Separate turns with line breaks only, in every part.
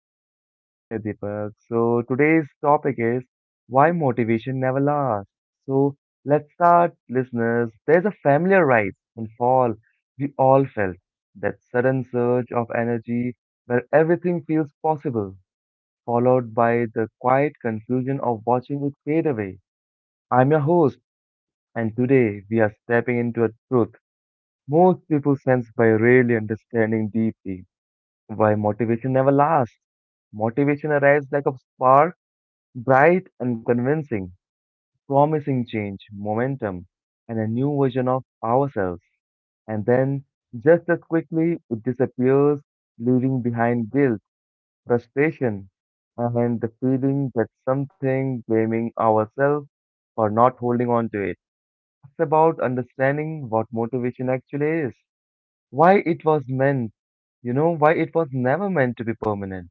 Yeah, same here, Deepak. So, today's topic is why motivation never lasts. So, let's start, listeners. There's a familiar rise and fall we all felt. That sudden surge of energy where everything feels possible, followed by the quiet confusion of watching it fade away. I'm your host, and today we are stepping into a truth most people sense by rarely understanding deeply why motivation never lasts. Motivation arrives like a spark, bright and convincing, promising change, momentum, and a new version of ourselves. And then, just as quickly, it disappears, leaving behind guilt, frustration, and the feeling that something blaming ourselves for not holding on to it. It's about understanding what motivation actually is, why it was meant, why it was never meant to be permanent,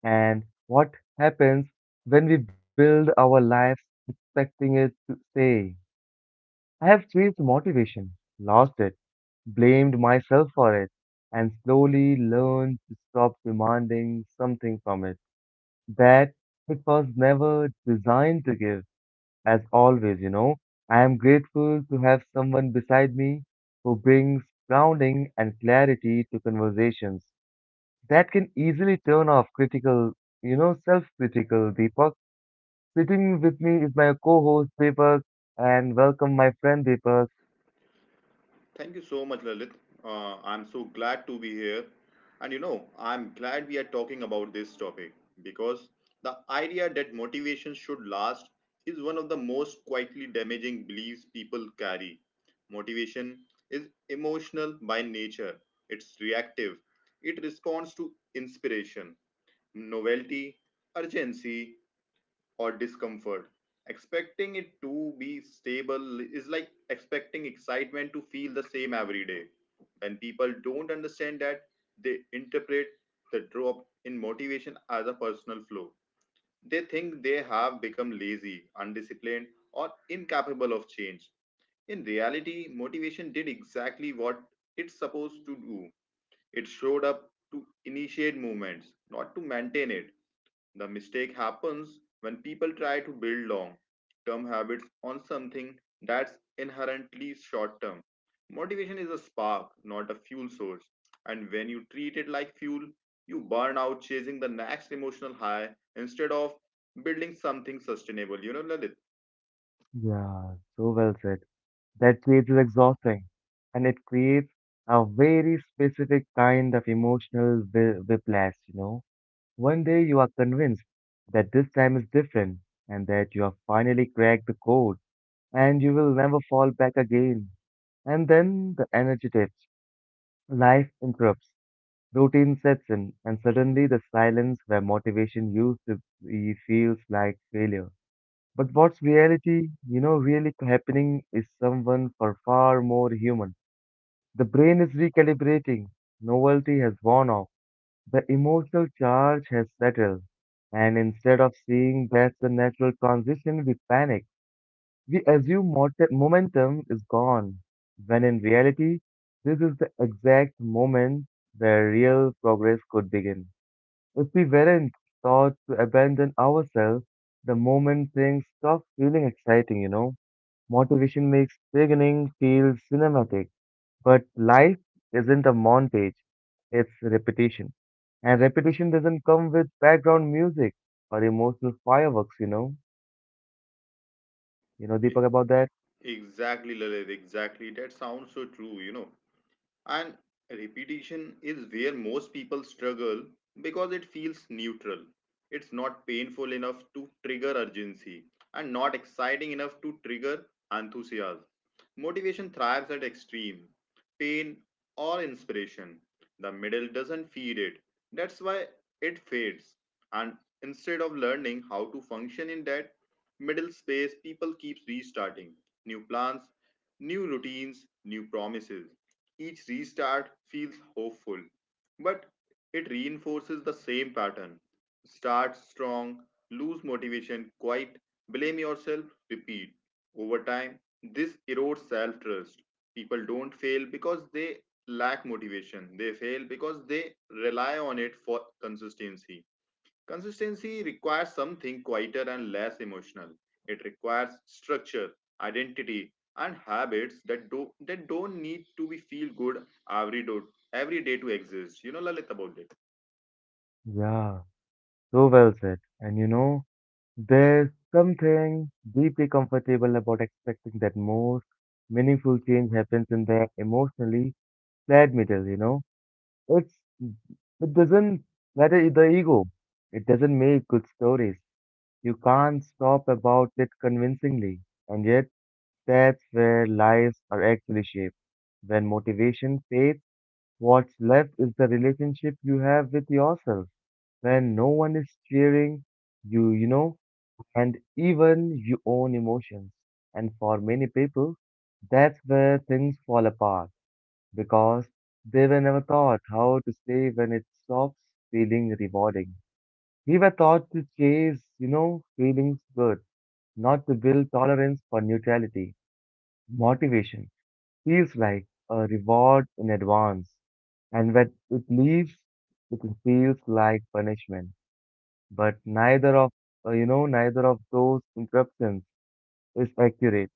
and what happens when we build our lives expecting it to stay. I have chased motivation, lost it, blamed myself for it, and slowly learned to stop demanding something from it that it was never designed to give. As always, I am grateful to have someone beside me who brings grounding and clarity to conversations that can easily turn off critical, self-critical Deepak. Sitting with me is my co-host Deepak, and welcome my friend Deepak.
Thank you so much, Lalit. I'm so glad to be here. And you know, I'm glad we are talking about this topic because the idea that motivation should last is one of the most quietly damaging beliefs people carry. Motivation is emotional by nature. It's reactive. It responds to inspiration, novelty, urgency, or discomfort. Expecting it to be stable is like expecting excitement to feel the same every day. When people don't understand that, they interpret the drop in motivation as a personal flaw. They think they have become lazy, undisciplined, or incapable of change. In reality, motivation did exactly what it's supposed to do. It showed up to initiate movements, not to maintain it. The mistake happens when people try to build long term habits on something that's inherently short term. Motivation is a spark, not a fuel source. And when you treat it like fuel, you burn out chasing the next emotional high instead of building something sustainable. You know, Lalit?
Yeah, so well said. That phase is exhausting and it creates a very specific kind of emotional whiplash, One day you are convinced that this time is different and that you have finally cracked the code and you will never fall back again. And then the energy dips, life interrupts, routine sets in, and suddenly the silence where motivation used to be feels like failure. But what's reality, really happening is someone far, far more human. The brain is recalibrating, novelty has worn off, the emotional charge has settled, and instead of seeing that's a natural transition, we panic. We assume momentum is gone, when in reality, this is the exact moment where real progress could begin. If we weren't taught to abandon ourselves, the moment things stop feeling exciting, motivation makes beginning feel cinematic. But life isn't a montage, it's repetition. And repetition doesn't come with background music or emotional fireworks.
E-
Deepak, about that?
Exactly, Lalit. Exactly. That sounds so true, you know. And repetition is where most people struggle because it feels neutral. It's not painful enough to trigger urgency and not exciting enough to trigger enthusiasm. Motivation thrives at extreme pain, or inspiration. The middle doesn't feed it. That's why it fades. And instead of learning how to function in that middle space, people keep restarting. New plans, new routines, new promises. Each restart feels hopeful, but it reinforces the same pattern. Start strong, lose motivation, quit, blame yourself, repeat. Over time, this erodes self trust. People don't fail because they lack motivation. They fail because they rely on it for consistency. Consistency requires something quieter and less emotional. It requires structure, identity, and habits that do that don't need to be feel good every do every day to exist. You know, Lalit, about it?
Yeah, so well said. And there's something deeply comfortable about expecting that most meaningful change happens in the emotionally flat middle. It's it doesn't matter the ego. It doesn't make good stories. You can't stop about it convincingly. And yet, that's where lives are actually shaped. When motivation fades, what's left is the relationship you have with yourself. When no one is cheering you, and even your own emotions. And for many people, that's where things fall apart because they were never taught how to stay when it stops feeling rewarding. We were taught to chase, feelings good, not to build tolerance for neutrality. Motivation feels like a reward in advance, and when it leaves, it feels like punishment. But neither of neither of those interruptions is accurate.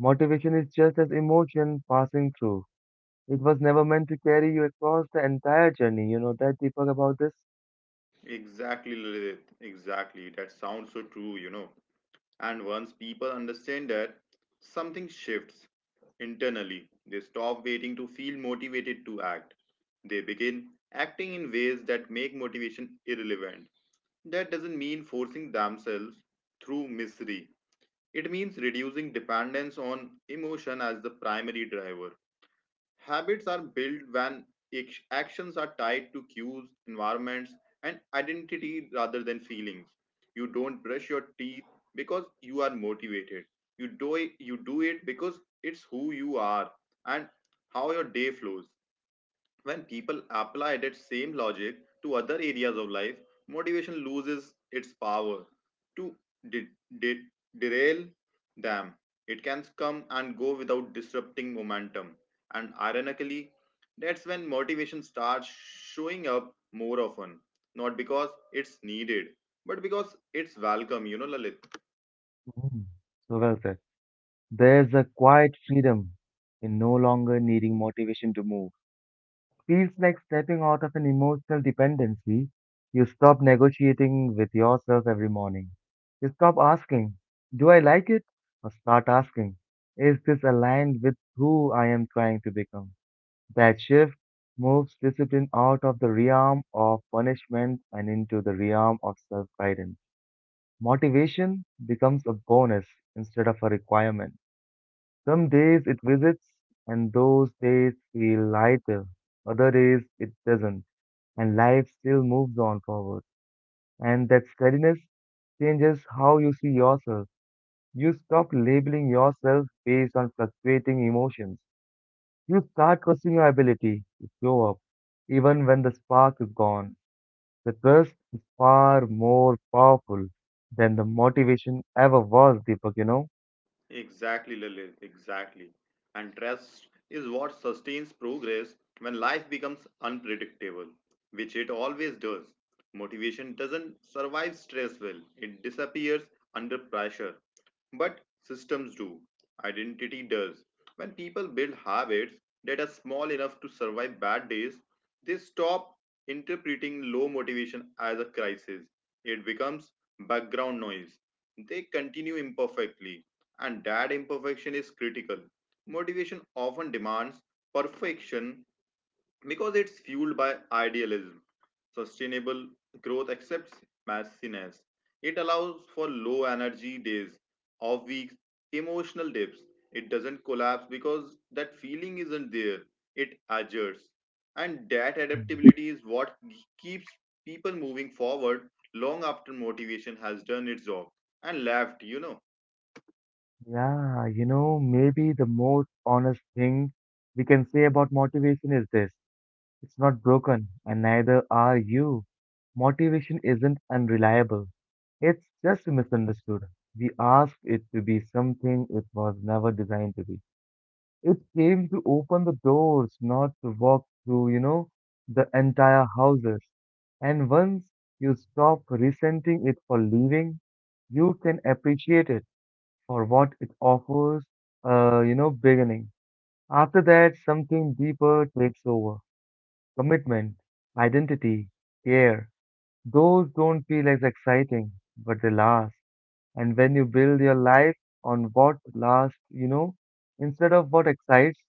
Motivation is just as emotion passing through. It was never meant to carry you across the entire journey. You know that, Deepak, about this.
Exactly, Lalit, exactly. That sounds so true, you know. And once people understand that, something shifts internally. They stop waiting to feel motivated to act. They begin acting in ways that make motivation irrelevant. That doesn't mean forcing themselves through misery. It means reducing dependence on emotion as the primary driver. Habits are built when actions are tied to cues, environments, and identity rather than feelings. You don't brush your teeth because you are motivated. You do it because it's who you are and how your day flows. When people apply that same logic to other areas of life, motivation loses its power to de- de- derail them. It can come and go without disrupting momentum. And ironically, that's when motivation starts showing up more often. Not because it's needed, but because it's welcome, you know, Lalit.
Mm. So well said. There's a quiet freedom in no longer needing motivation to move, feels like stepping out of an emotional dependency. You stop negotiating with yourself every morning. You stop asking, "Do I like it?" or start asking, "Is this aligned with who I am trying to become?" That shift moves discipline out of the realm of punishment and into the realm of self guidance. Motivation becomes a bonus instead of a requirement. Some days it visits, and those days feel lighter. Other days it doesn't, and life still moves on forward. And that steadiness changes how you see yourself. You stop labeling yourself based on fluctuating emotions. You start trusting your ability to show up, even when the spark is gone. The trust is far more powerful than the motivation ever was, Deepak, you know?
Exactly, Lalit, exactly. And trust is what sustains progress when life becomes unpredictable, which it always does. Motivation doesn't survive stress well. It disappears under pressure. But systems do. Identity does. When people build habits that are small enough to survive bad days, they stop interpreting low motivation as a crisis. It becomes background noise. They continue imperfectly, and that imperfection is critical. Motivation often demands perfection because it's fueled by idealism. Sustainable growth accepts messiness. It allows for low energy days, off weeks, emotional dips. It doesn't collapse because that feeling isn't there. It adjusts. And that
Mm.
adaptability is what keeps people moving forward long after motivation has done its job and left, you know.
Yeah, maybe the most honest thing we can say about motivation is this. It's not broken, and neither are you. Motivation isn't unreliable, it's just misunderstood. We asked it to be something it was never designed to be. It came to open the doors, not to walk through, the entire houses. And once you stop resenting it for leaving, you can appreciate it for what it offers, beginning. After that, something deeper takes over. Commitment, identity, care, those don't feel as exciting, but they last. And when you build your life on what lasts, instead of what excites,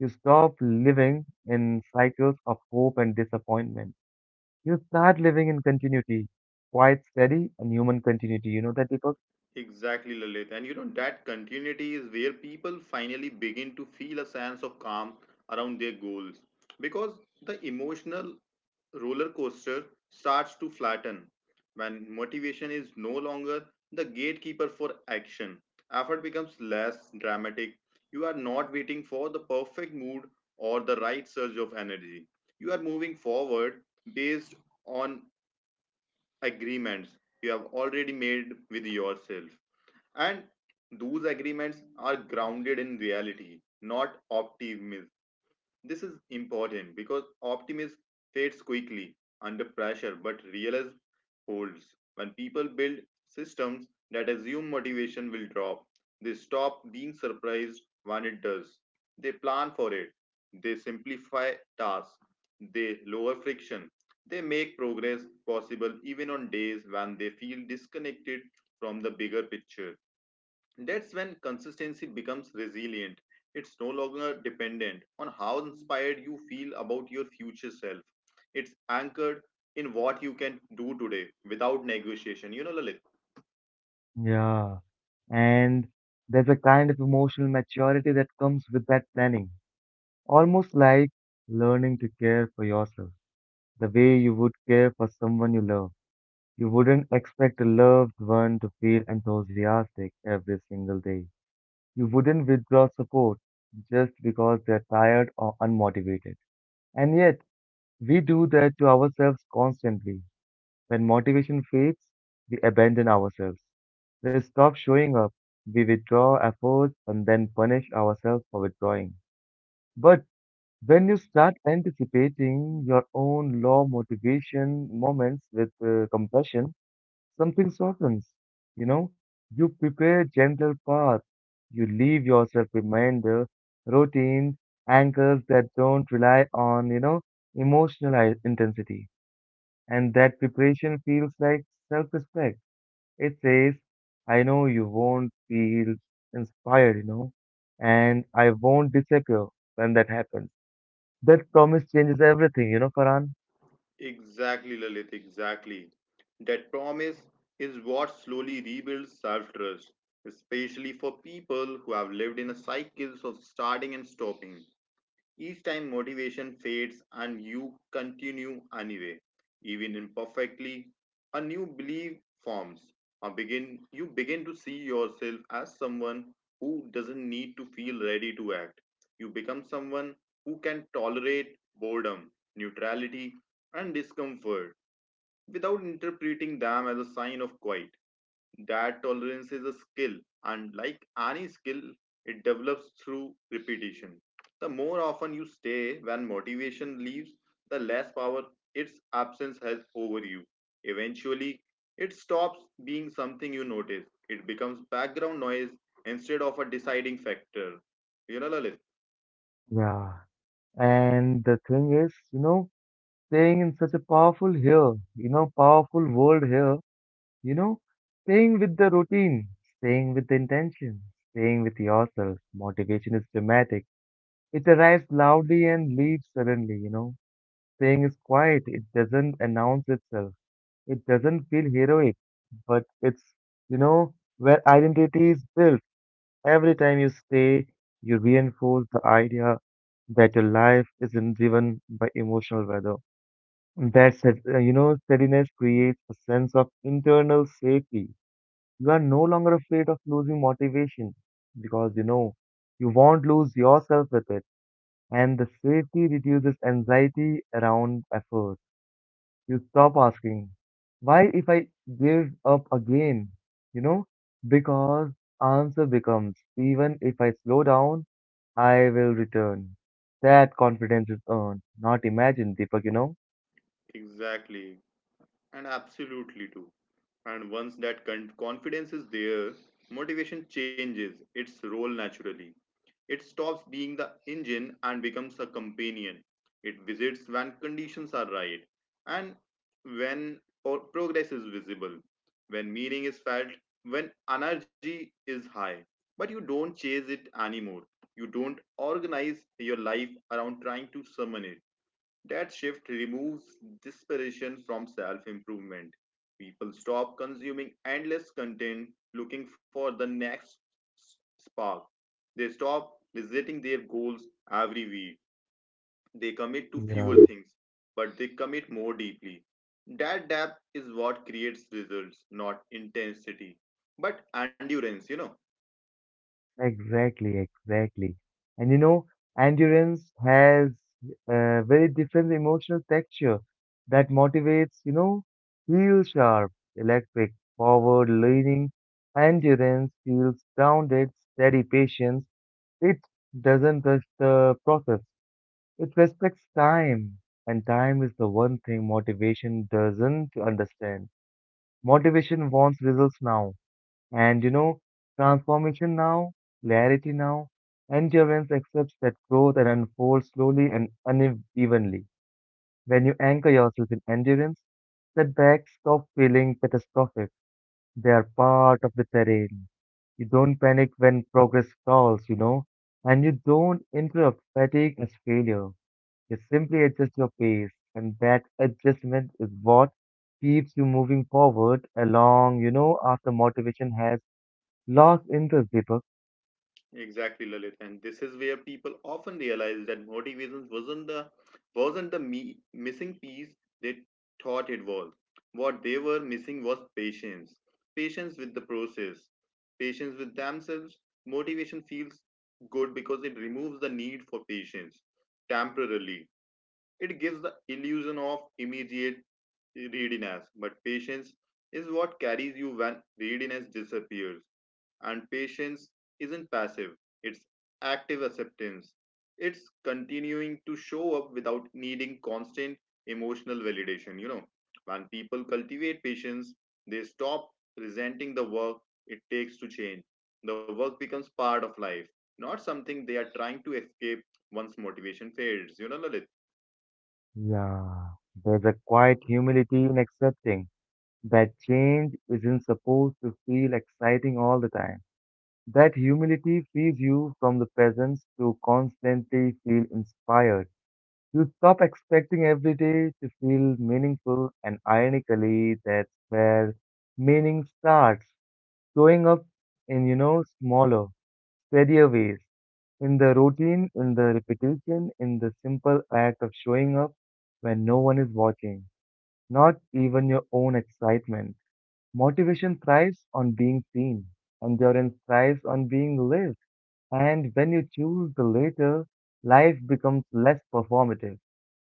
you stop living in cycles of hope and disappointment. You start living in continuity, quite steady and human continuity. You know that, Deepak?
Exactly, Lalit. And you know, that continuity is where people finally begin to feel a sense of calm around their goals because the emotional roller coaster starts to flatten when motivation is no longer the gatekeeper for action. Effort becomes less dramatic. You are not waiting for the perfect mood or the right surge of energy. You are moving forward based on agreements you have already made with yourself, and those agreements are grounded in reality, not optimism. This is important because optimism fades quickly under pressure, but realism holds. When people build systems that assume motivation will drop, they stop being surprised when it does. They plan for it, they simplify tasks, they lower friction, they make progress possible even on days when they feel disconnected from the bigger picture. That's when consistency becomes resilient. It's no longer dependent on how inspired you feel about your future self. It's anchored in what you can do today without negotiation. You know, Lalit?
Yeah. And there's a kind of emotional maturity that comes with that planning, almost like learning to care for yourself, the way you would care for someone you love. You wouldn't expect a loved one to feel enthusiastic every single day. You wouldn't withdraw support just because they're tired or unmotivated. And yet, we do that to ourselves constantly. When motivation fades, we abandon ourselves. We stop showing up, we withdraw efforts, and then punish ourselves for withdrawing. But when you start anticipating your own low motivation moments with compassion, something softens. You know, you prepare gentle path. You leave yourself reminder, routine, anchors that don't rely on, emotional intensity. And that preparation feels like self-respect. It says, I know you won't feel inspired, and I won't disappear when that happens. That promise changes everything, you know, Farhan.
Exactly, Lalit, exactly. That promise is what slowly rebuilds self trust, especially for people who have lived in a cycles of starting and stopping. Each time motivation fades and you continue anyway, even imperfectly, a new belief forms. You begin to see yourself as someone who doesn't need to feel ready to act. You become someone who can tolerate boredom, neutrality, and discomfort without interpreting them as a sign of quiet. That tolerance is a skill, and like any skill, it develops through repetition. The more often you stay when motivation leaves, the less power its absence has over you. Eventually, it stops being something you notice. It becomes background noise instead of a deciding factor. You know, Lalit?
Yeah. And the thing is, staying in such a powerful here, powerful world here, you know, staying with the routine, staying with the intention, staying with yourself. Motivation is dramatic. It arrives loudly and leaves suddenly. Staying is quiet. It doesn't announce itself. It doesn't feel heroic, but it's, you know, where identity is built. Every time you stay, you reinforce the idea that your life isn't driven by emotional weather. That said, steadiness creates a sense of internal safety. You are no longer afraid of losing motivation because you know you won't lose yourself with it. And the safety reduces anxiety around effort. You stop asking, why if I give up again? You know, because answer becomes, even if I slow down, I will return. That confidence is earned, not imagined, Deepak, you know?
Exactly, and absolutely too. And once that confidence is there, motivation changes its role naturally. It stops being the engine and becomes a companion. It visits when conditions are right, and when progress is visible, when meaning is felt, when energy is high. But you don't chase it anymore. You don't organize your life around trying to summon it. That shift removes desperation from self improvement. People stop consuming endless content looking for the next spark. They stop resetting their goals every week. They commit to fewer
Yeah.
things, but they commit more deeply. That depth is what creates results, not intensity, but endurance, you know.
Exactly, exactly. And endurance has a very different emotional texture that motivates, heel sharp, electric, forward leaning. Endurance feels grounded, steady patience. It doesn't rush the process. It respects time. And time is the one thing motivation doesn't understand. Motivation wants results now. And transformation now, clarity now, endurance accepts that growth and unfolds slowly and unevenly. When you anchor yourself in endurance, setbacks stop feeling catastrophic. They are part of the terrain. You don't panic when progress stalls, and you don't interrupt fatigue as failure. You simply adjust your pace, and that adjustment is what keeps you moving forward along, after motivation has lost interest, Deepak.
Exactly, Lalit, and this is where people often realize that motivation wasn't the missing piece they thought it was. What they were missing was patience, patience with the process, patience with themselves. Motivation feels good because it removes the need for patience temporarily. It gives the illusion of immediate readiness, but patience is what carries you when readiness disappears. And patience isn't passive, it's active acceptance. It's continuing to show up without needing constant emotional validation. You know, when people cultivate patience, they stop resenting the work it takes to change. The work becomes part of life, not something they are trying to escape once motivation fades. You know, Lalit?
Yeah, there's a quiet humility in accepting that change isn't supposed to feel exciting all the time. That humility frees you from the presence to constantly feel inspired. You stop expecting every day to feel meaningful, and ironically, that's where meaning starts. Growing up in, smaller, steadier ways, in the routine, in the repetition, in the simple act of showing up when no one is watching, not even your own excitement. Motivation thrives on being seen, endurance thrives on being lived, and when you choose the latter, life becomes less performative.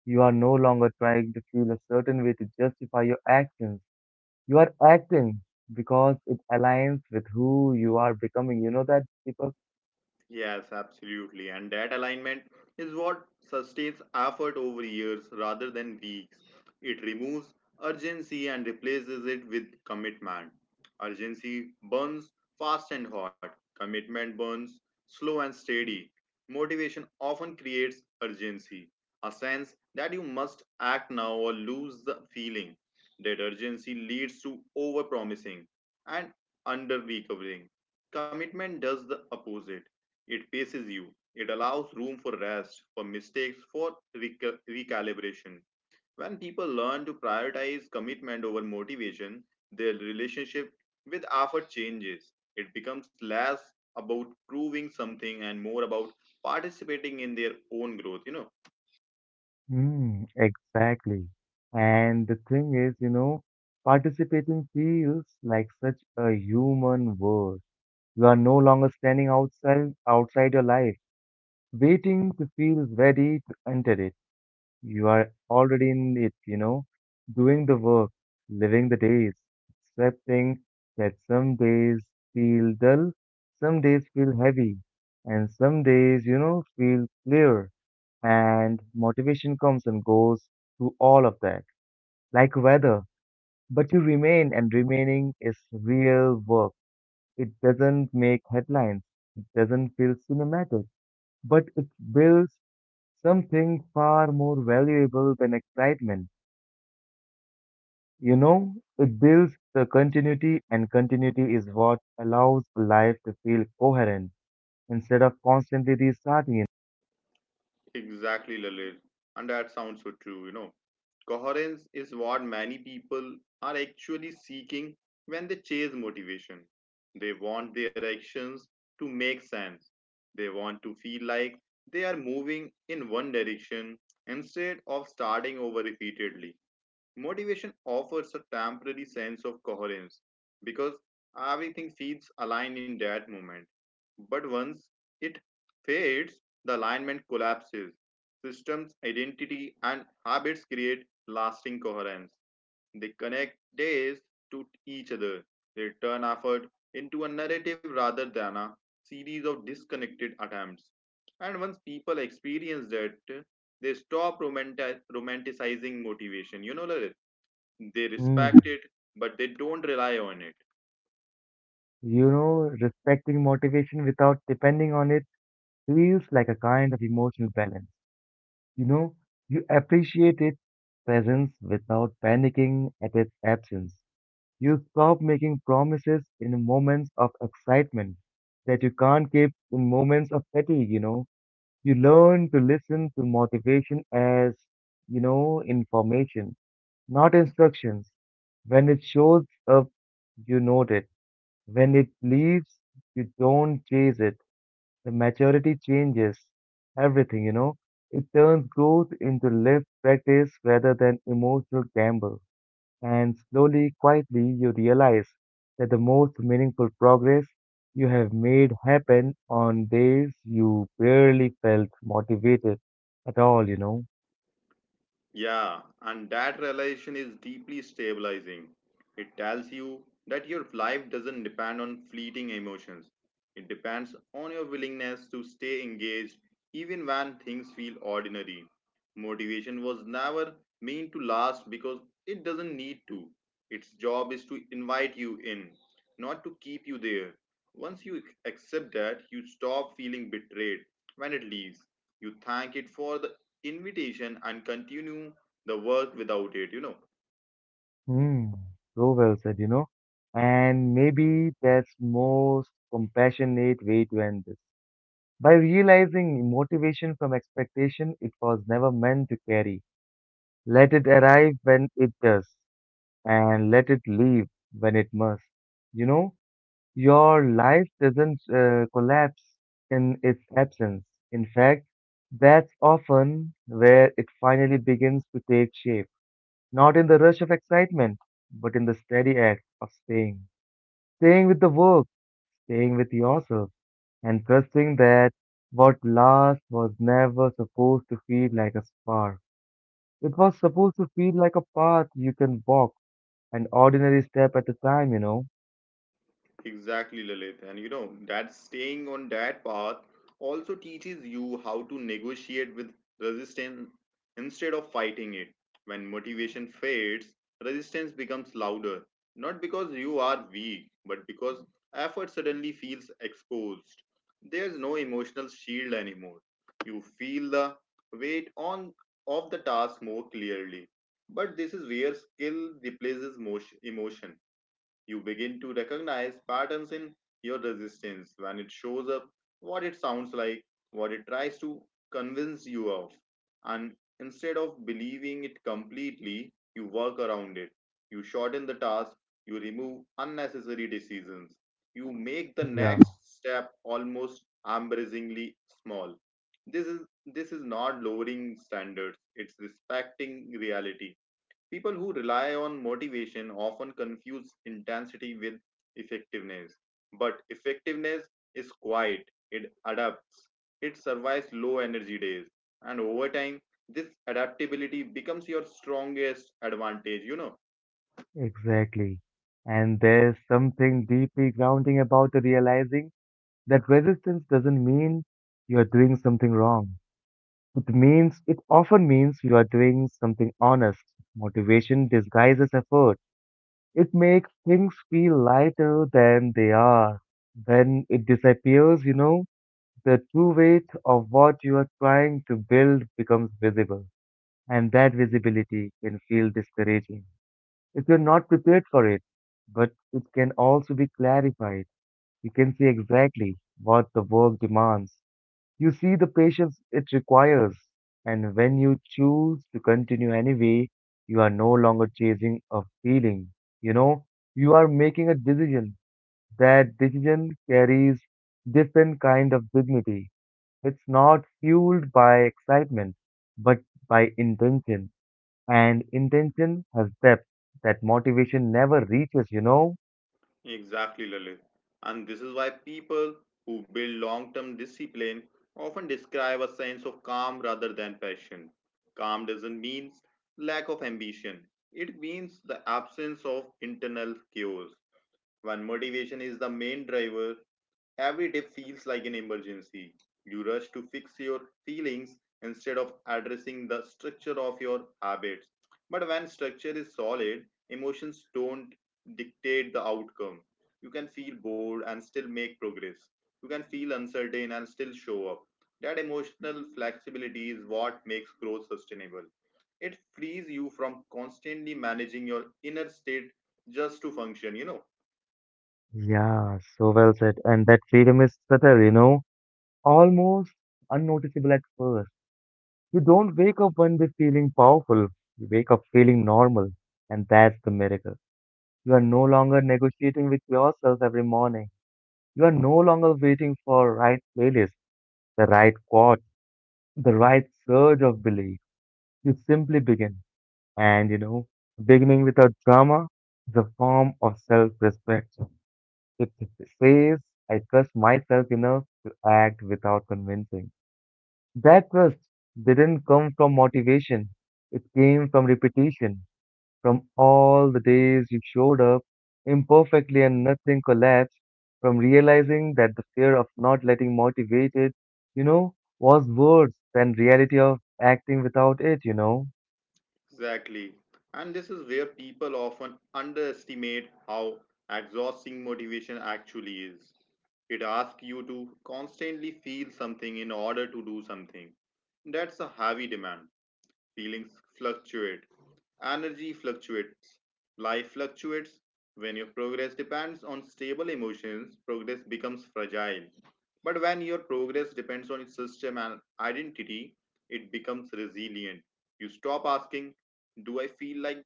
You are no longer trying to feel a certain way to justify your actions, you are acting because it aligns with who you are becoming. You know that, people.
Yes, absolutely. And that alignment is what sustains effort over years rather than weeks. It removes urgency and replaces it with commitment. Urgency burns fast and hot, commitment burns slow and steady. Motivation often creates urgency, a sense that you must act now or lose the feeling. That urgency leads to overpromising and under recovering. Commitment does the opposite. It paces you. It allows room for rest, for mistakes, for recalibration. When people learn to prioritize commitment over motivation, their relationship with effort changes. It becomes less about proving something and more about participating in their own growth, you know.
Mm, exactly. And the thing is, participating feels like such a human word. You are no longer standing outside your life, waiting to feel ready to enter it. You are already in it, doing the work, living the days, accepting that some days feel dull, some days feel heavy, and some days, feel clear. And motivation comes and goes through all of that, like weather. But you remain, and remaining is real work. It doesn't make headlines, it doesn't feel cinematic, but it builds something far more valuable than excitement. You know, it builds the continuity, and continuity is what allows life to feel coherent instead of constantly restarting it.
Exactly, Lalit. And that sounds so true, you know. Coherence is what many people are actually seeking when they chase motivation. They want their actions to make sense. They want to feel like they are moving in one direction instead of starting over repeatedly. Motivation offers a temporary sense of coherence because everything feels aligned in that moment. But once it fades, the alignment collapses. Systems, identity, and habits create lasting coherence. They connect days to each other. They turn effort into a narrative rather than a series of disconnected attempts. And once people experience that, they stop romanticizing motivation. You know, Lalit? They respect
Mm.
it, but they don't rely on it.
Respecting motivation without depending on it feels like a kind of emotional balance. You know, you appreciate its presence without panicking at its absence. You stop making promises in moments of excitement that you can't keep in moments of fatigue, You learn to listen to motivation as, information, not instructions. When it shows up, you note it. When it leaves, you don't chase it. The maturity changes everything, It turns growth into lived practice rather than emotional gamble. And slowly, quietly, you realize that the most meaningful progress you have made happened on days you barely felt motivated at all,
Yeah, and that realization is deeply stabilizing. It tells you that your life doesn't depend on fleeting emotions. It depends on your willingness to stay engaged even when things feel ordinary. Motivation was never meant to last because it doesn't need to. Its job is to invite you in, not to keep you there. Once you accept that, you stop feeling betrayed when it leaves. You thank it for the invitation and continue the work without it, you know.
Hmm, so well said, And maybe that's most compassionate way to end this. By realizing motivation from expectation, it was never meant to carry. Let it arrive when it does, and let it leave when it must. You know, your life doesn't collapse in its absence. In fact, that's often where it finally begins to take shape. Not in the rush of excitement, but in the steady act of staying. Staying with the work, staying with yourself, and trusting that what last was never supposed to feel like a spark. It was supposed to feel like a path you can walk, an ordinary step at a time, you know?
Exactly, Lilith. And you know, that staying on that path also teaches you how to negotiate with resistance instead of fighting it. When motivation fades, resistance becomes louder, not because you are weak, but because effort suddenly feels exposed. There's no emotional shield anymore. You feel the weight on of the task more clearly. But this is where skill replaces motion, emotion. You begin to recognize patterns in your resistance, when it shows up, what it sounds like, what it tries to convince you of. And instead of believing it completely, you work around it. You shorten the task, you remove unnecessary decisions, you make the
Yeah.
next step almost embarrassingly small. This is this is not lowering standards, it's respecting reality. People who rely on motivation often confuse intensity with effectiveness. But effectiveness is quiet, it adapts, it survives low energy days. And over time, this adaptability becomes your strongest advantage.
Exactly. And there's something deeply grounding about realizing that resistance doesn't mean you are doing something wrong. It means, it often means you are doing something honest. Motivation disguises effort. It makes things feel lighter than they are. When it disappears, the true weight of what you are trying to build becomes visible. And that visibility can feel discouraging if you're not prepared for it. But it can also be clarified. You can see exactly what the work demands. You see the patience it requires. And when you choose to continue anyway, you are no longer chasing a feeling. You know, you are making a decision. That decision carries different kind of dignity. It's not fueled by excitement, but by intention, and intention has depth that motivation never reaches, you know?
Exactly, Lalit. And this is why people who build long term discipline often describe a sense of calm rather than passion. Calm doesn't mean lack of ambition, it means the absence of internal chaos. When motivation is the main driver, every day feels like an emergency. You rush to fix your feelings instead of addressing the structure of your habits. But when structure is solid, emotions don't dictate the outcome. You can feel bored and still make progress. You can feel uncertain and still show up. That emotional flexibility is what makes growth sustainable. It frees you from constantly managing your inner state just to function.
Yeah, so well said. And that freedom is subtle, almost unnoticeable at first. You don't wake up one day feeling powerful, you wake up feeling normal, and that's the miracle. You are no longer negotiating with yourself every morning. You are no longer waiting for right playlist, the right quote, the right surge of belief. You simply begin. And, beginning without drama is a form of self-respect. It says, I trust myself enough to act without convincing. That trust didn't come from motivation. It came from repetition, from all the days you showed up imperfectly and nothing collapsed, from realizing that the fear of not letting motivated, was worse than reality of acting without it,
Exactly. And this is where people often underestimate how exhausting motivation actually is. It asks you to constantly feel something in order to do something. That's a heavy demand. Feelings fluctuate, energy fluctuates, life fluctuates. When your progress depends on stable emotions, progress becomes fragile. But when your progress depends on its system and identity, it becomes resilient. You stop asking, "Do I feel like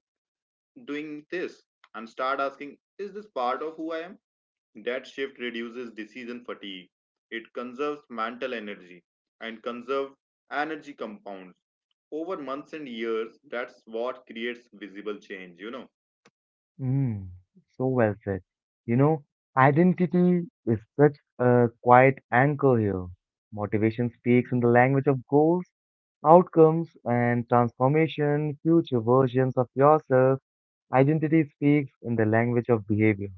doing this?" and start asking, "Is this part of who I am?" That shift reduces decision fatigue. It conserves mental energy, and conserve energy compounds over months and years. That's what creates visible change.
Mm, so well said. You know, identity is such a quiet anchor here. Motivation speaks in the language of goals, outcomes, and transformation, future versions of yourself. Identity speaks in the language of behavior.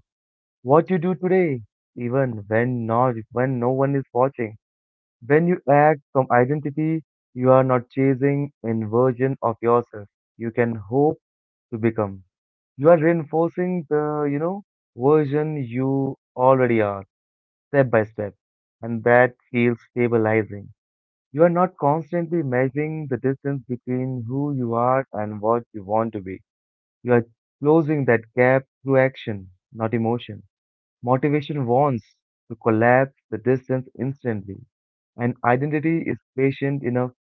What you do today, even when not, when no one is watching. When you act from identity, you are not chasing an version of yourself. You can hope to become. You are reinforcing the, version you already are, step by step, and that feels stabilizing. You are not constantly measuring the distance between who you are and what you want to be. You are closing that gap through action, not emotion. Motivation wants to collapse the distance instantly, and identity is patient enough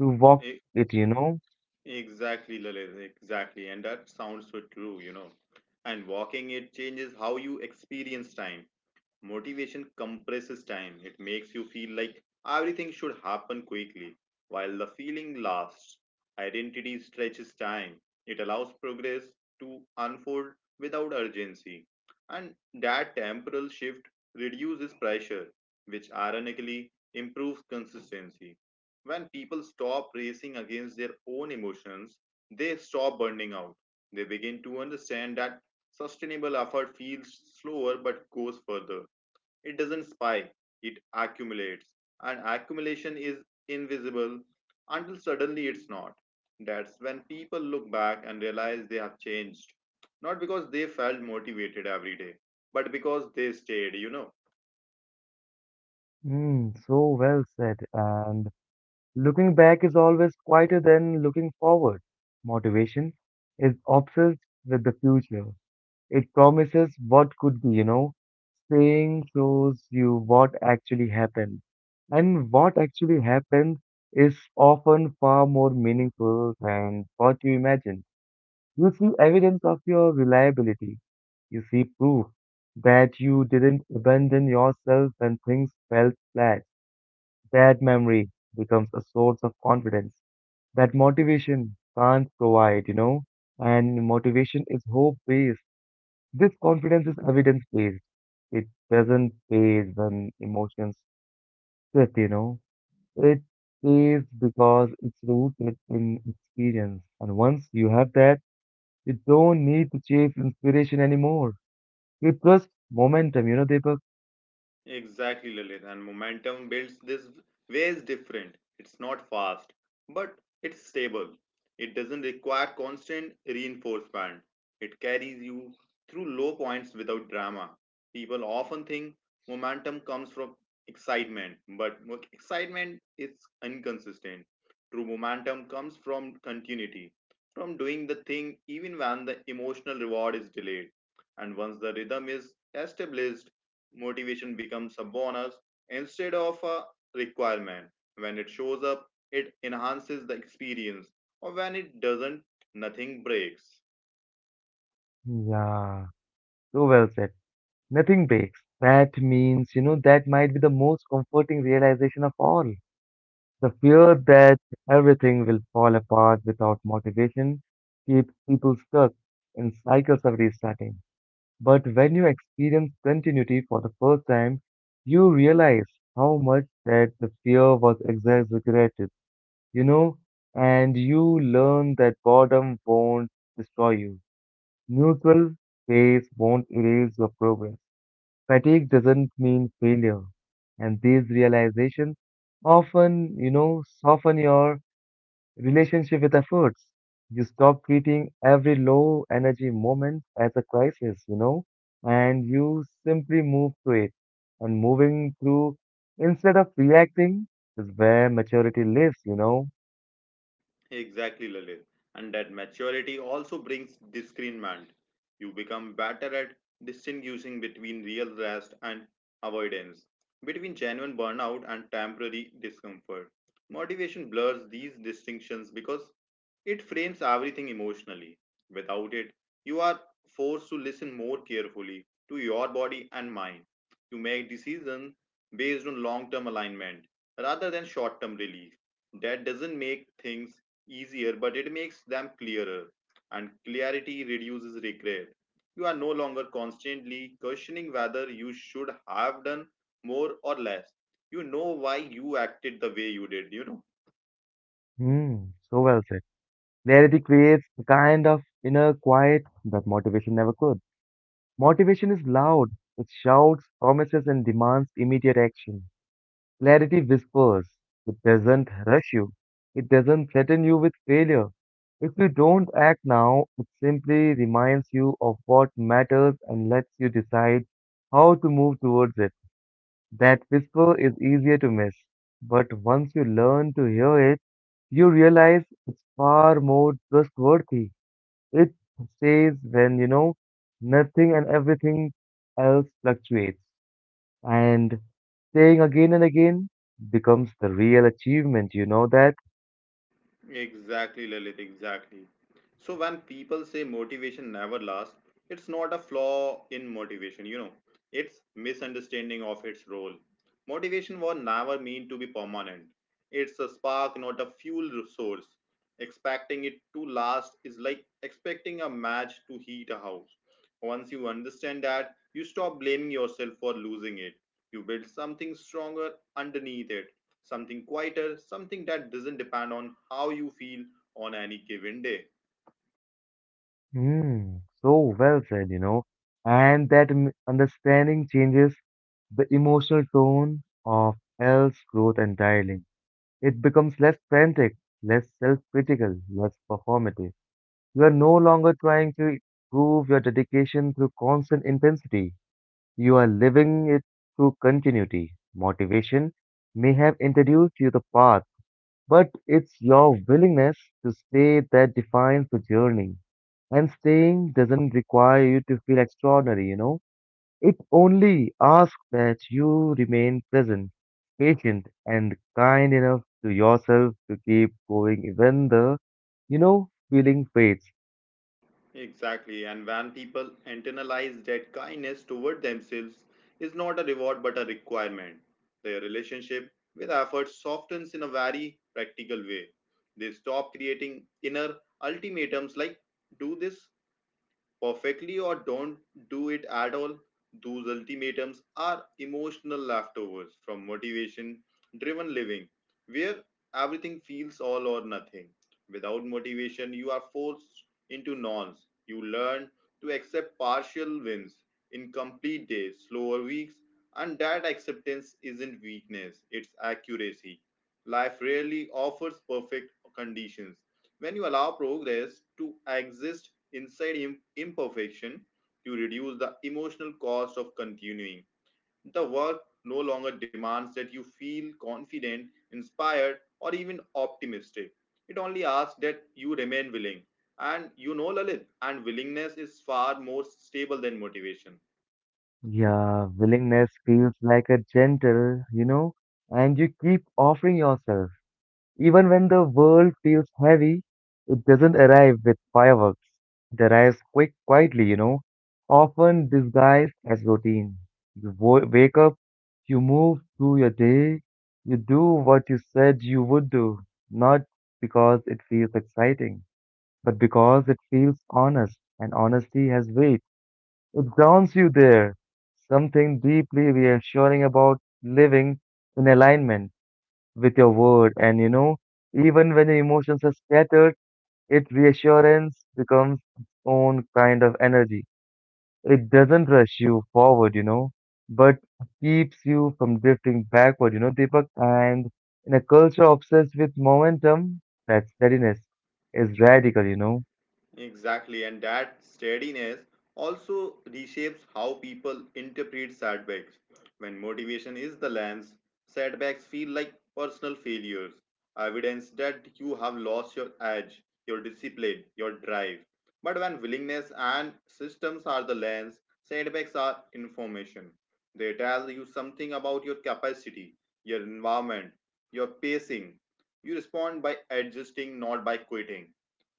to walk
E-
it,
Exactly, Lalit, exactly. And that sounds so true, you know. And walking it changes how you experience time. Motivation compresses time. It makes you feel like everything should happen quickly, while the feeling lasts. Identity stretches time. It allows progress to unfold without urgency. And that temporal shift reduces pressure, which ironically improves consistency. When people stop racing against their own emotions, they stop burning out. They begin to understand that sustainable effort feels slower but goes further. It doesn't spike, it accumulates. And accumulation is invisible until suddenly it's not. That's when people look back and realize they have changed. Not because they felt motivated every day, but because they stayed.
Mm, so well said. And looking back is always quieter than looking forward. Motivation is obsessed with the future. It promises what could be, Staying shows you what actually happened. And what actually happened is often far more meaningful than what you imagine. You see evidence of your reliability. You see proof that you didn't abandon yourself when things fell flat. That memory becomes a source of confidence that motivation can't provide, and motivation is hope based. This confidence is evidence based. It doesn't pays when emotions sit, It pays because it's rooted in experience. And once you have that, you don't need to chase inspiration anymore. You trust momentum, you know, Deepak?
Exactly, Lalit. And momentum builds this way is different. It's not fast, but it's stable. It doesn't require constant reinforcement. It carries you through low points without drama. People often think momentum comes from excitement, but excitement is inconsistent. True momentum comes from continuity, from doing the thing even when the emotional reward is delayed. And once the rhythm is established, motivation becomes a bonus instead of a requirement. When it shows up, it enhances the experience, or when it doesn't, nothing breaks.
Yeah, so well said. Nothing breaks. That means, that might be the most comforting realization of all. The fear that everything will fall apart without motivation keeps people stuck in cycles of restarting. But when you experience continuity for the first time, you realize how much that the fear was exaggerated, you know, and you learn that boredom won't destroy you. Neutral space won't erase your progress. Fatigue doesn't mean failure. And these realizations often, soften your relationship with efforts. You stop treating every low energy moment as a crisis, and you simply move through it. And moving through instead of reacting is where maturity lives,
Exactly, Lalit. And that maturity also brings discernment. You become better at distinguishing between real rest and avoidance, between genuine burnout and temporary discomfort. Motivation blurs these distinctions because it frames everything emotionally. Without it, you are forced to listen more carefully to your body and mind. You make decisions based on long term alignment rather than short term relief. That doesn't make things easier, but it makes them clearer, and clarity reduces regret. You are no longer constantly questioning whether you should have done more or less. You know why you acted the way you did.
Hmm, so well said. Clarity creates a kind of inner quiet that motivation never could. Motivation is loud, it shouts, promises, and demands immediate action. Clarity whispers. It doesn't rush you. It doesn't threaten you with failure. If you don't act now, it simply reminds you of what matters and lets you decide how to move towards it. That whisper is easier to miss. But once you learn to hear it, you realize it's far more trustworthy. It says when, nothing and everything else fluctuates, and playing again and again becomes the real achievement, you know that?
Exactly, Lilith, exactly. So when people say motivation never lasts, it's not a flaw in motivation. It's misunderstanding of its role. Motivation was never meant to be permanent. It's a spark, not a fuel source. Expecting it to last is like expecting a match to heat a house. Once you understand that, you stop blaming yourself for losing it. You build something stronger underneath it, something quieter, something that doesn't depend on how you feel on any given day.
Hmm, so well said, And that understanding changes the emotional tone of L's growth entirely. It becomes less frantic, less self critical, less performative. You are no longer trying to prove your dedication through constant intensity. You are living it through continuity. Motivation may have introduced you the path, but it's your willingness to stay that defines the journey. And staying doesn't require you to feel extraordinary, It only asks that you remain present, patient, and kind enough to yourself to keep going even the, feeling fades.
Exactly, and when people internalize that kindness toward themselves is not a reward but a requirement, their relationship with effort softens in a very practical way. They stop creating inner ultimatums like "do this perfectly or don't do it at all." Those ultimatums are emotional leftovers from motivation driven living, where everything feels all or nothing. Without motivation, you are forced into nonce. You learn to accept partial wins, incomplete days, slower weeks, and that acceptance isn't weakness, it's accuracy. Life rarely offers perfect conditions. When you allow progress to exist inside imperfection to reduce the emotional cost of continuing. The work no longer demands that you feel confident, inspired, or even optimistic. It only asks that you remain willing. And you know, Lalit, and willingness is far more stable than motivation.
Yeah, willingness feels like a gentle, and you keep offering yourself. Even when the world feels heavy, it doesn't arrive with fireworks. It arrives quietly, often disguised as routine. You wake up, you move through your day, you do what you said you would do, not because it feels exciting, but because it feels honest, and honesty has weight. It grounds you there, something deeply reassuring about living in alignment with your word. And, even when the emotions are scattered, its reassurance becomes its own kind of energy. It doesn't rush you forward, but keeps you from drifting backward, you know, Deepak. And in a culture obsessed with momentum, that steadiness is radical,
Exactly, and that steadiness also reshapes how people interpret setbacks. When motivation is the lens, setbacks feel like personal failures, evidence that you have lost your edge, your discipline, your drive. But when willingness and systems are the lens, setbacks are information. They tell you something about your capacity, your environment, your pacing. You respond by adjusting, not by quitting.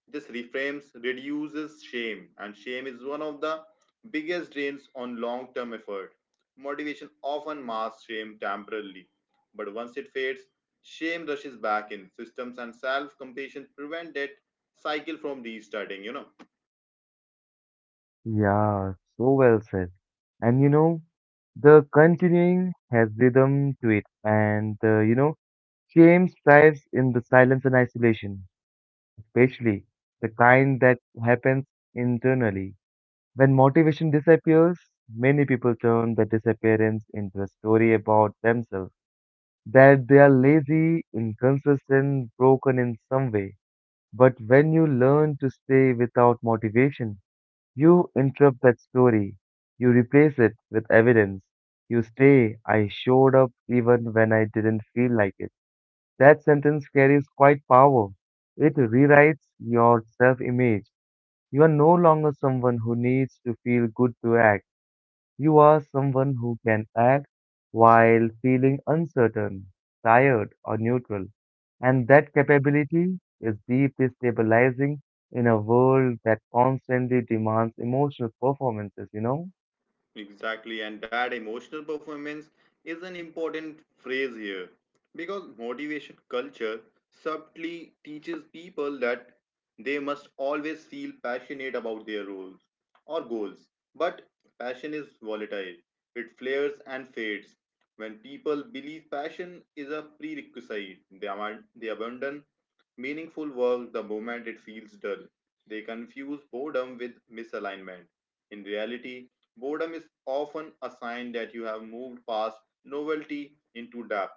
This reframes, reduces shame, and shame is one of the biggest drains on long term effort. Motivation often masks shame temporarily, but once it fades, shame rushes back in. Systems and self compassion prevent that cycle from restarting.
Yeah, so well said. And, the continuing has rhythm to it, and, shame thrives in the silence and isolation, especially the kind that happens internally. When motivation disappears, many people turn the disappearance into a story about themselves, that they are lazy, inconsistent, broken in some way. But when you learn to stay without motivation, you interrupt that story. You replace it with evidence. You say, I showed up even when I didn't feel like it. That sentence carries quite power. It rewrites your self image. You are no longer someone who needs to feel good to act. You are someone who can act while feeling uncertain, tired, or neutral. And that capability is deeply stabilizing in a world that constantly demands emotional performances, you know?
Exactly, and that emotional performance is an important phrase here because motivation culture subtly teaches people that they must always feel passionate about their roles or goals. But passion is volatile, it flares and fades. When people believe passion is a prerequisite, they abandon meaningful work the moment it feels dull. They confuse boredom with misalignment. In reality, boredom is often a sign that you have moved past novelty into depth.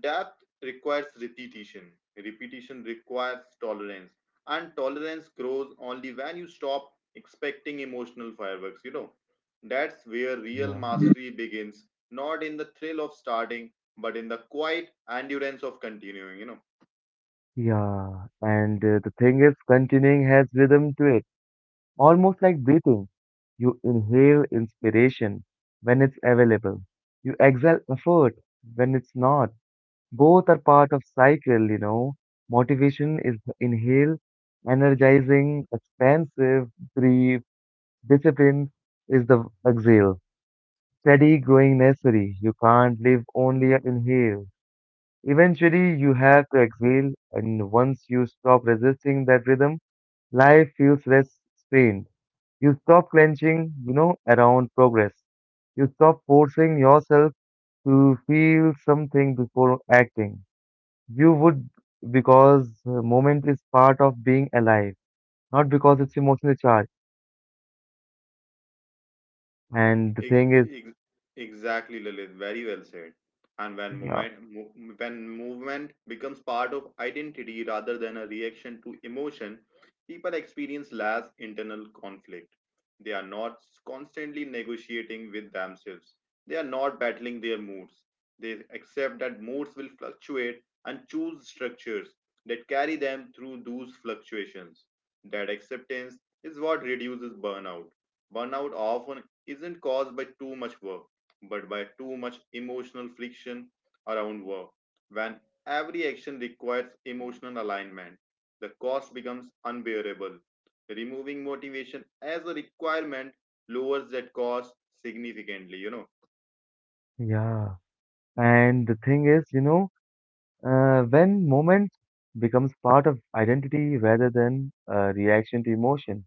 Depth requires repetition. Repetition requires tolerance. And tolerance grows only when you stop expecting emotional fireworks. That's where real
Yeah.
mastery begins, not in the thrill of starting, but in the quiet endurance of continuing.
Yeah. And the thing is, continuing has rhythm to it. Almost like breathing, you inhale inspiration when it's available. You exhale effort when it's not. Both are part of cycle, Motivation is the inhale, energizing, expansive, brief, discipline is the exhale. Steady, growing necessary. You can't live only on inhale. Eventually, you have to exhale, and once you stop resisting that rhythm, life feels less strained. You stop clenching, around progress. You stop forcing yourself to feel something before acting. You would because the moment is part of being alive, not because it's emotionally charged. And the
Ex-
thing is,
ex- Exactly, Lilith. Very well said. And when
yeah,
movement becomes part of identity rather than a reaction to emotion, people experience less internal conflict. They are not constantly negotiating with themselves. They are not battling their moods. They accept that moods will fluctuate and choose structures that carry them through those fluctuations. That acceptance is what reduces burnout. Burnout often isn't caused by too much work, but by too much emotional friction around work. When every action requires emotional alignment, the cost becomes unbearable. Removing motivation as a requirement lowers that cost significantly.
yeah. And the thing is, when moment becomes part of identity rather than a reaction to emotion,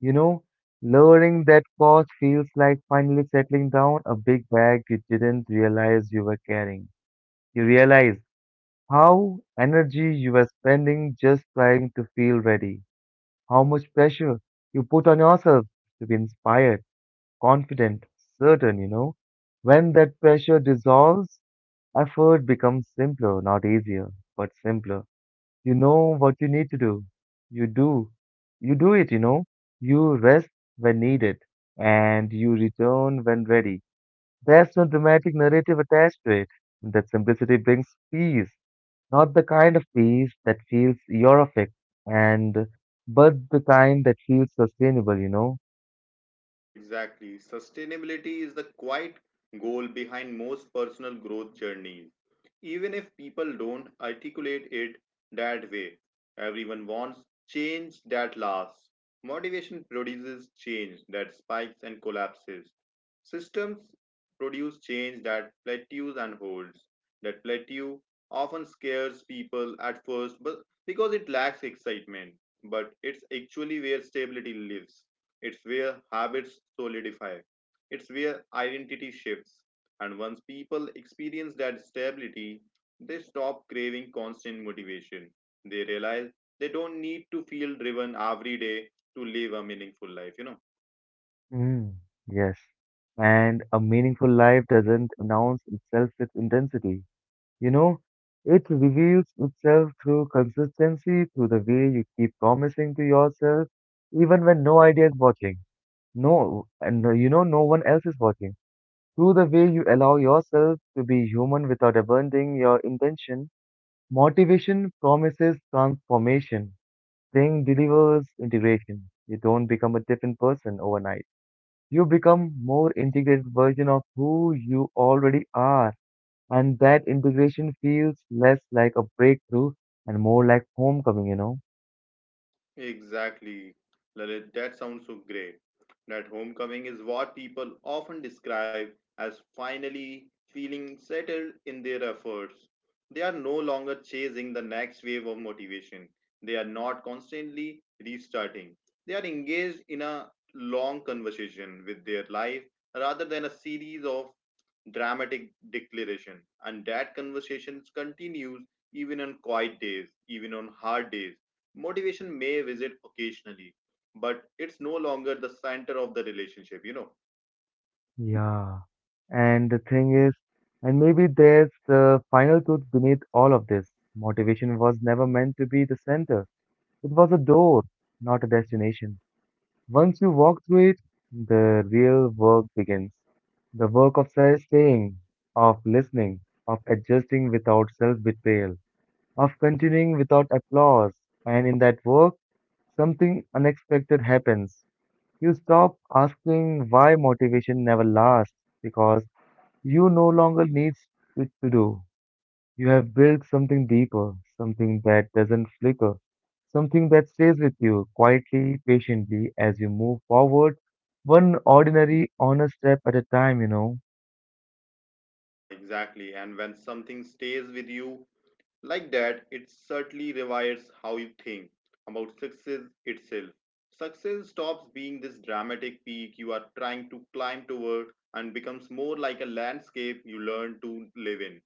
You know, lowering that cost feels like finally settling down a big bag you didn't realize you were carrying. You realize how energy you were spending just trying to feel ready, how much pressure you put on yourself to be inspired, confident, certain, When that pressure dissolves, effort becomes simpler, not easier, but simpler. You know what you need to do. You do. You do it, You rest when needed and you return when ready. There's no dramatic narrative attached to it. That simplicity brings peace, not the kind of peace that feels euphoric and but the kind that feels sustainable,
Exactly. Sustainability is the quiet goal behind most personal growth journeys. Even if people don't articulate it that way, everyone wants change that lasts. Motivation produces change that spikes and collapses. Systems produce change that plateaus and holds. That plateau often scares people at first, but because it lacks excitement, but it's actually where stability lives. It's where habits solidify. It's where identity shifts. And once people experience that stability, they stop craving constant motivation. They realize they don't need to feel driven every day to live a meaningful life, you know.
Mm, yes. And a meaningful life doesn't announce itself with intensity. You know, it reveals itself through consistency, through the way you keep promising to yourself, even when no idea is watching. No, and you know, no one else is watching. Through the way you allow yourself to be human without abandoning your intention, motivation promises transformation. Thing delivers integration. You don't become a different person overnight. You become more integrated version of who you already are. And that integration feels less like a breakthrough and more like homecoming, you know?
Exactly, Lalit. That sounds so great. That homecoming is what people often describe as finally feeling settled in their efforts. They are no longer chasing the next wave of motivation. They are not constantly restarting. They are engaged in a long conversation with their life rather than a series of dramatic declaration. And that conversation continues even on quiet days, even on hard days. Motivation may visit occasionally, but it's no longer the center of the relationship.
Yeah. And the thing is, and maybe there's the final truth beneath all of this. Motivation was never meant to be the center. It was a door, not a destination. Once you walk through it, the real work begins. The work of self-staying, of listening, of adjusting without self-betrayal, of continuing without applause. And in that work, something unexpected happens. You stop asking why motivation never lasts because you no longer need it to do. You have built something deeper, something that doesn't flicker, something that stays with you quietly, patiently as you move forward, one ordinary, honest step at a time, you know.
Yeah, exactly. And when something stays with you like that, it certainly rewires how you think about success itself. Success stops being this dramatic peak you are trying to climb toward and becomes more like a landscape you learn to live in.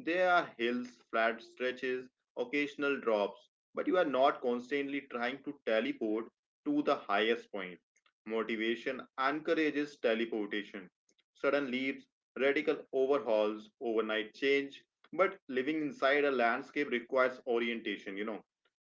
There are hills, flat stretches, occasional drops, but you are not constantly trying to teleport to the highest point. Motivation encourages teleportation. Sudden leaps, radical overhauls, overnight change, but living inside a landscape requires orientation, you know,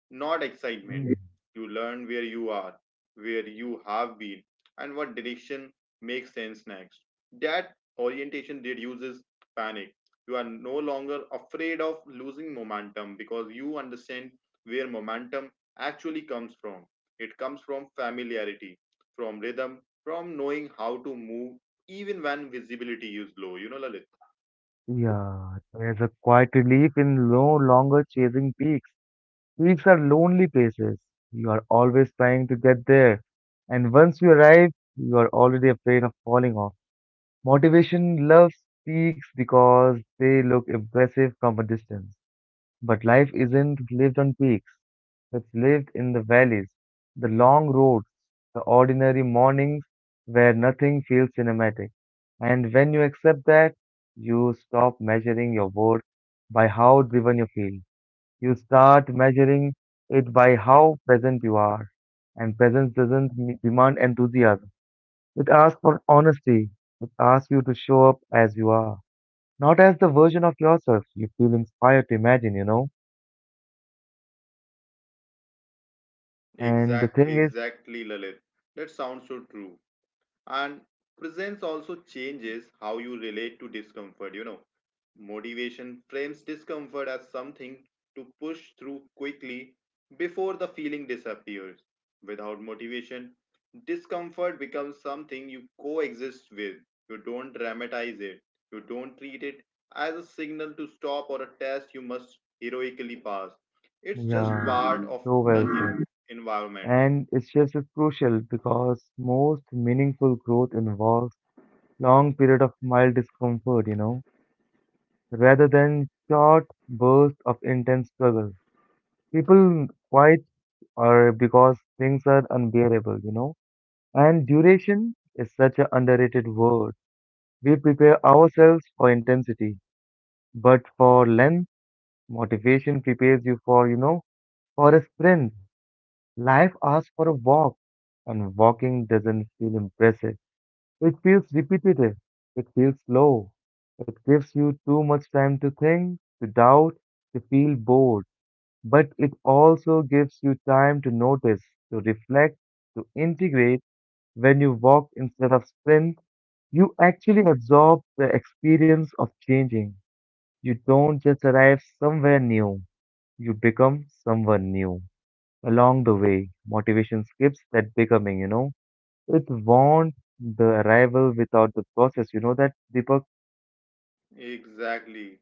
not excitement.
Mm.
You learn where you are, where you have been, and what direction makes sense next. That orientation reduces panic. You are no longer afraid of losing momentum because you understand where momentum actually comes from. It comes from familiarity, from rhythm, from knowing how to move even when visibility is low. You know, Lalit?
Yeah, there's a quiet relief in no longer chasing peaks. Peaks are lonely places. You are always trying to get there. And once you arrive, you are already afraid of falling off. Motivation loves peaks because they look impressive from a distance. But life isn't lived on peaks, it's lived in the valleys, the long roads, the ordinary mornings where nothing feels cinematic. And when you accept that, you stop measuring your worth by how driven you feel. You start measuring it by how present you are. And presence doesn't demand enthusiasm. It asks for honesty. It asks you to show up as you are, not as the version of yourself you feel inspired to imagine, you know? And the thing is,
Exactly, Lalit. That sounds so true. And presence also changes how you relate to discomfort. You know, motivation frames discomfort as something to push through quickly before the feeling disappears. Without motivation, discomfort becomes something you coexist with. You don't dramatize it, you don't treat it as a signal to stop or a test you must heroically pass. It's just
yeah,
part of
so
the
well said.
environment.
And its shift is crucial because most meaningful growth involves long period of mild discomfort, you know, rather than short bursts of intense struggle. People quite or because things are unbearable, you know. And duration is such an underrated word. We prepare ourselves for intensity, but for length, motivation prepares you for, you know, for a sprint. Life asks for a walk, and walking doesn't feel impressive. It feels repetitive. It feels slow. It gives you too much time to think, to doubt, to feel bored. But it also gives you time to notice, to reflect, to integrate. When you walk instead of sprint, you actually absorb the experience of changing. You don't just arrive somewhere new, you become someone new. Along the way, motivation skips that becoming, you know. It wants the arrival without the process. You know that, Deepak?
Exactly.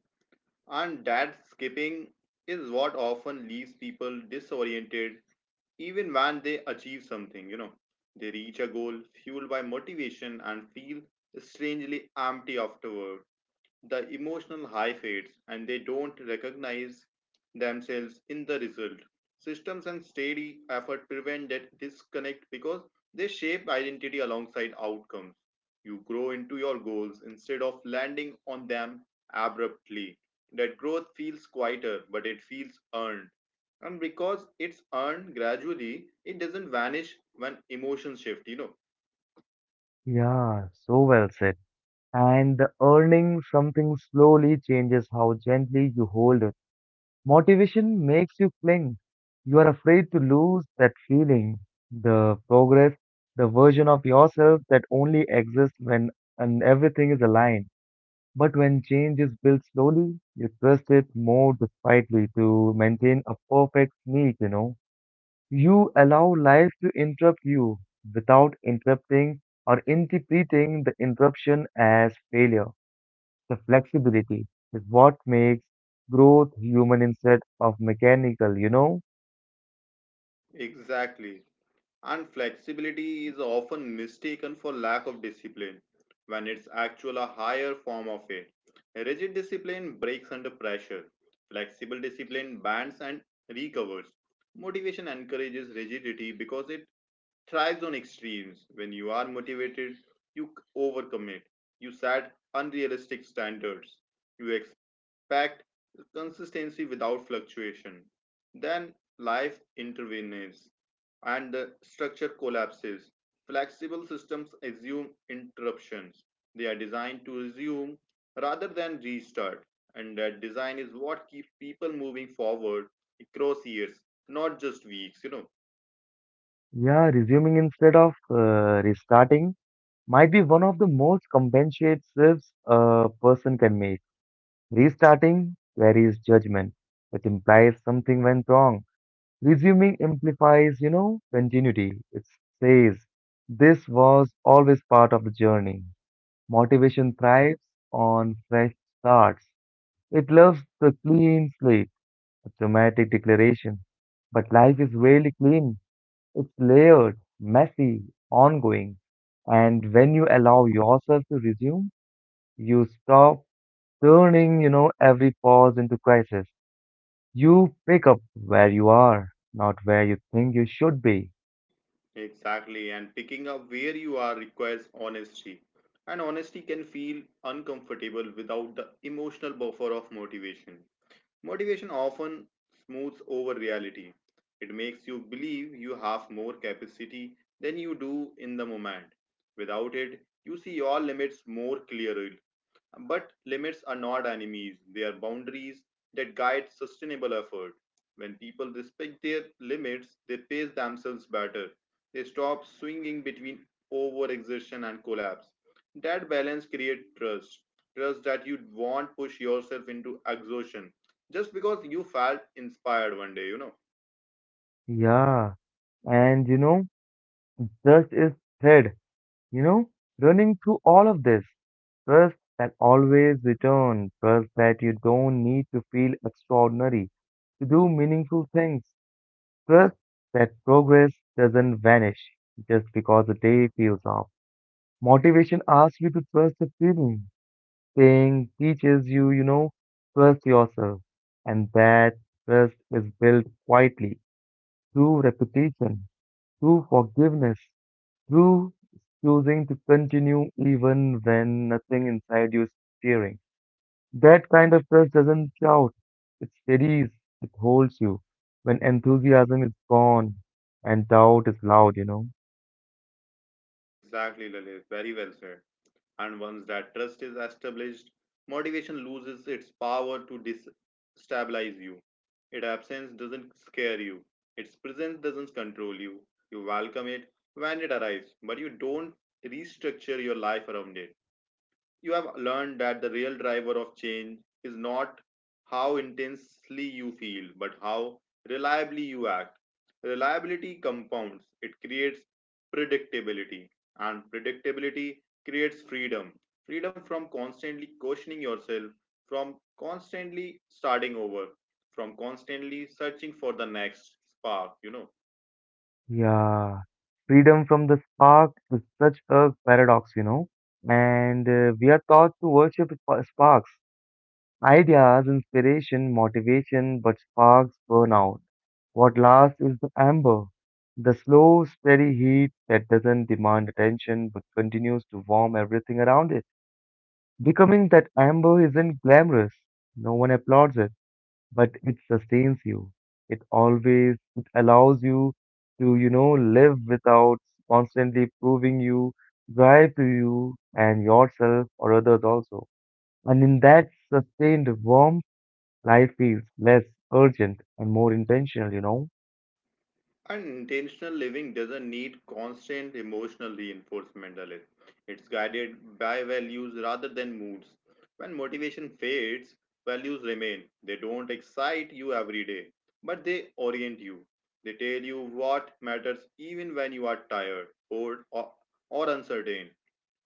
And that skipping is what often leaves people disoriented even when they achieve something, you know. They reach a goal fueled by motivation and feel strangely empty afterward. The emotional high fades and they don't recognize themselves in the result. Systems and steady effort prevent that disconnect because they shape identity alongside outcomes. You grow into your goals instead of landing on them abruptly. That growth feels quieter, but it feels earned. And because it's earned gradually, it doesn't vanish when emotions shift.
Yeah, so well said. And the earning something slowly changes how gently you hold it. Motivation makes you cling. You are afraid to lose that feeling, the progress, the version of yourself that only exists when and everything is aligned. But when change is built slowly, you trust it more despitely to maintain a perfect sneak, you know. You allow life to interrupt you without interrupting or interpreting the interruption as failure. The flexibility is what makes growth human instead of mechanical, you know?
Exactly. And flexibility is often mistaken for lack of discipline when it's actual a higher form of it. Rigid discipline breaks under pressure. Flexible discipline bends and recovers. Motivation encourages rigidity because it thrives on extremes. When you are motivated, you overcommit. You set unrealistic standards. You expect consistency without fluctuation. Then life intervenes and the structure collapses. Flexible systems assume interruptions. They are designed to resume rather than restart. And that design is what keeps people moving forward across years, not just weeks.
Yeah, resuming instead of restarting might be one of the most compensate shifts a person can make. Restarting carries judgment, which implies something went wrong. Resuming implies, you know, continuity. It says this was always part of the journey. Motivation thrives on fresh starts. It loves the clean slate a dramatic declaration. But life is really clean. It's layered, messy, ongoing. And when you allow yourself to resume, you stop turning, you know, every pause into crisis. You pick up where you are, not where you think you should be.
Exactly, and picking up where you are requires honesty. And honesty can feel uncomfortable without the emotional buffer of motivation. Motivation often smooths over reality. It makes you believe you have more capacity than you do in the moment. Without it, you see your limits more clearly, but limits are not enemies, they are boundaries that guide sustainable effort. When people respect their limits, they pace themselves better. They stop swinging between overexertion and collapse. That balance creates trust. Trust that you won't push yourself into exhaustion just because you felt inspired one day.
Yeah. And you know, trust is thread. You know, running through all of this, trust that always returns, trust that you don't need to feel extraordinary to do meaningful things, trust that progress doesn't vanish just because the day feels off. Motivation asks you to trust the feeling, pain teaches you, you know, trust yourself, and that trust is built quietly through repetition, through forgiveness, through choosing to continue even when nothing inside you is cheering. That kind of trust doesn't shout, it steadies, it holds you. When enthusiasm is gone and doubt is loud, you know.
Exactly, Lalit. Very well said. And once that trust is established, motivation loses its power to destabilize you. Its absence doesn't scare you, its presence doesn't control you. You welcome it when it arrives, but you don't restructure your life around it. You have learned that the real driver of change is not how intensely you feel, but how reliably you act. Reliability compounds, it creates predictability, and predictability creates freedom. Freedom from constantly questioning yourself, from constantly starting over, from constantly searching for the next spark.
Yeah. Freedom from the spark is such a paradox, you know. And we are taught to worship sparks: ideas, inspiration, motivation, but sparks burn out. What lasts is the amber, the slow, steady heat that doesn't demand attention but continues to warm everything around it. Becoming that amber isn't glamorous. No one applauds it, but it sustains you. It allows you to, you know, live without constantly proving you drive to you and yourself or others also. And in that sustained warmth, life feels less urgent and more intentional, you know?
Unintentional living doesn't need constant emotional reinforcement, Dalit. It's guided by values rather than moods. When motivation fades, values remain. They don't excite you every day, but they orient you. They tell you what matters even when you are tired, bored, or uncertain.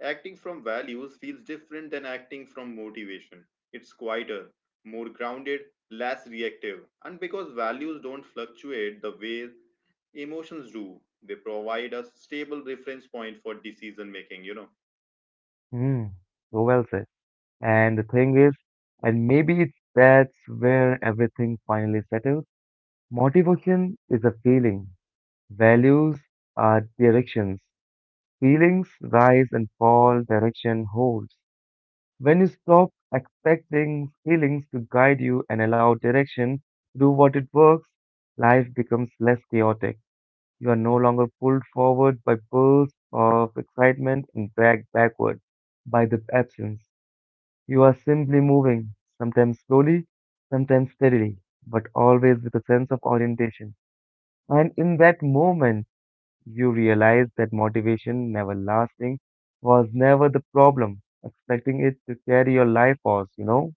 Acting from values feels different than acting from motivation. It's quieter, more grounded, less reactive. And because values don't fluctuate the way emotions do, they provide a stable reference point for decision making.
Mm, so well said. And the thing is, and maybe that's where everything finally settles. Motivation is a feeling. Values are directions. Feelings rise and fall, direction holds. When you stop expecting feelings to guide you and allow direction to do what it works, life becomes less chaotic. You are no longer pulled forward by bursts of excitement and dragged backward by the absence. You are simply moving, sometimes slowly, sometimes steadily, but always with a sense of orientation. And in that moment, you realize that motivation, never lasting, was never the problem, expecting it to carry your life force, you know?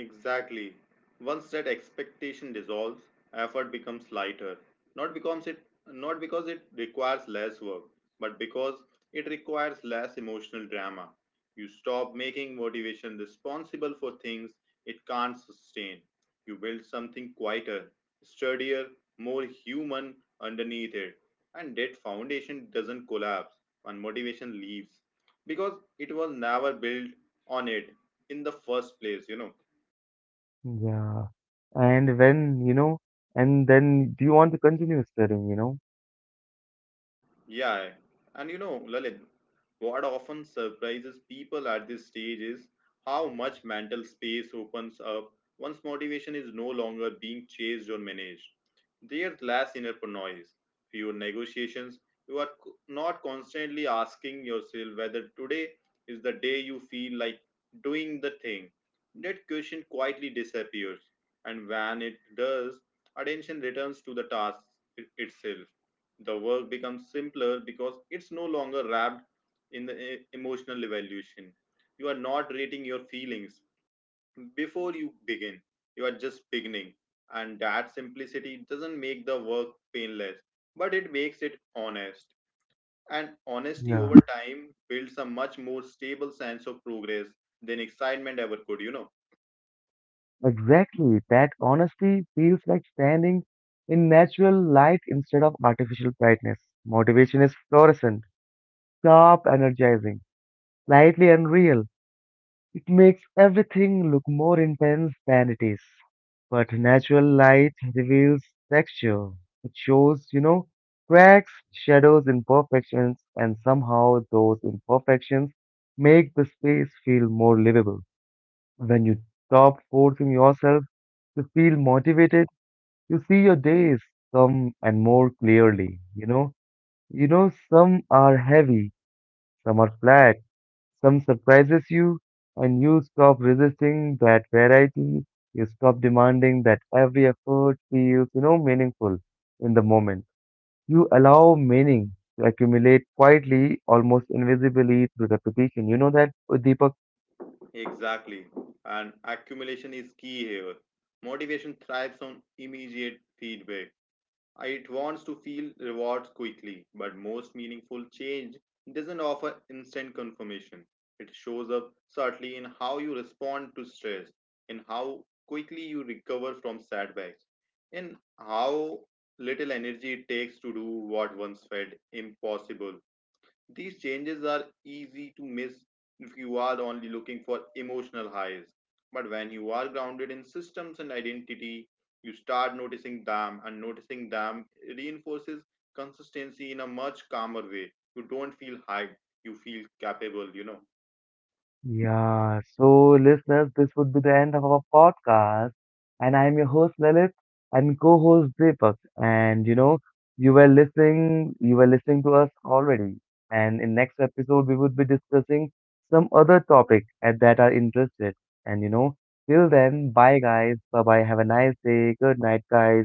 Exactly. Once that expectation dissolves, effort becomes lighter. Not because it not because it requires less work, but because it requires less emotional drama. You stop making motivation responsible for things it can't sustain. You build something quieter, sturdier, more human underneath it. And that foundation doesn't collapse when motivation leaves because it was never built on it in the first place.
Yeah. And when, you know, and then do you want to continue studying, you know?
Yeah, and Lalit, what often surprises people at this stage is how much mental space opens up once motivation is no longer being chased or managed. There's less inner noise, fewer negotiations. You are not constantly asking yourself whether today is the day you feel like doing the thing. That question quietly disappears, and when it does, attention returns to the task itself. The work becomes simpler because it's no longer wrapped in the emotional evaluation. You are not rating your feelings before you begin, you are just beginning. And that simplicity doesn't make the work painless, but it makes it honest. And honesty over
Yeah.
time builds a much more stable sense of progress than excitement ever could.
Exactly. That honesty feels like standing in natural light instead of artificial brightness. Motivation is fluorescent, sharp, energizing, slightly unreal. It makes everything look more intense than it is. But natural light reveals texture. It shows, you know, cracks, shadows, imperfections, and somehow those imperfections make the space feel more livable. When you stop forcing yourself to feel motivated, you see your days come and more clearly, you know. You know, some are heavy, some are flat, some surprises you, and you stop resisting that variety. You stop demanding that every effort feels, you know, meaningful in the moment. You allow meaning to accumulate quietly, almost invisibly through repetition. You know that, Deepak?
Exactly, and accumulation is key here. Motivation thrives on immediate feedback. It wants to feel rewards quickly, but most meaningful change doesn't offer instant confirmation. It shows up subtly in how you respond to stress, in how quickly you recover from setbacks, in how little energy it takes to do what once felt impossible. These changes are easy to miss if you are only looking for emotional highs. But when you are grounded in systems and identity, you start noticing them, and noticing them reinforces consistency in a much calmer way. You don't feel hyped, you feel capable.
Yeah, so listeners, this would be the end of our podcast. And I am your host Lalit and co-host Deepak. And you know, you were listening to us already. And in next episode, we would be discussing some other topic at that are interested. And you know, till then, bye guys. Bye bye. Have a nice day. Good night, guys.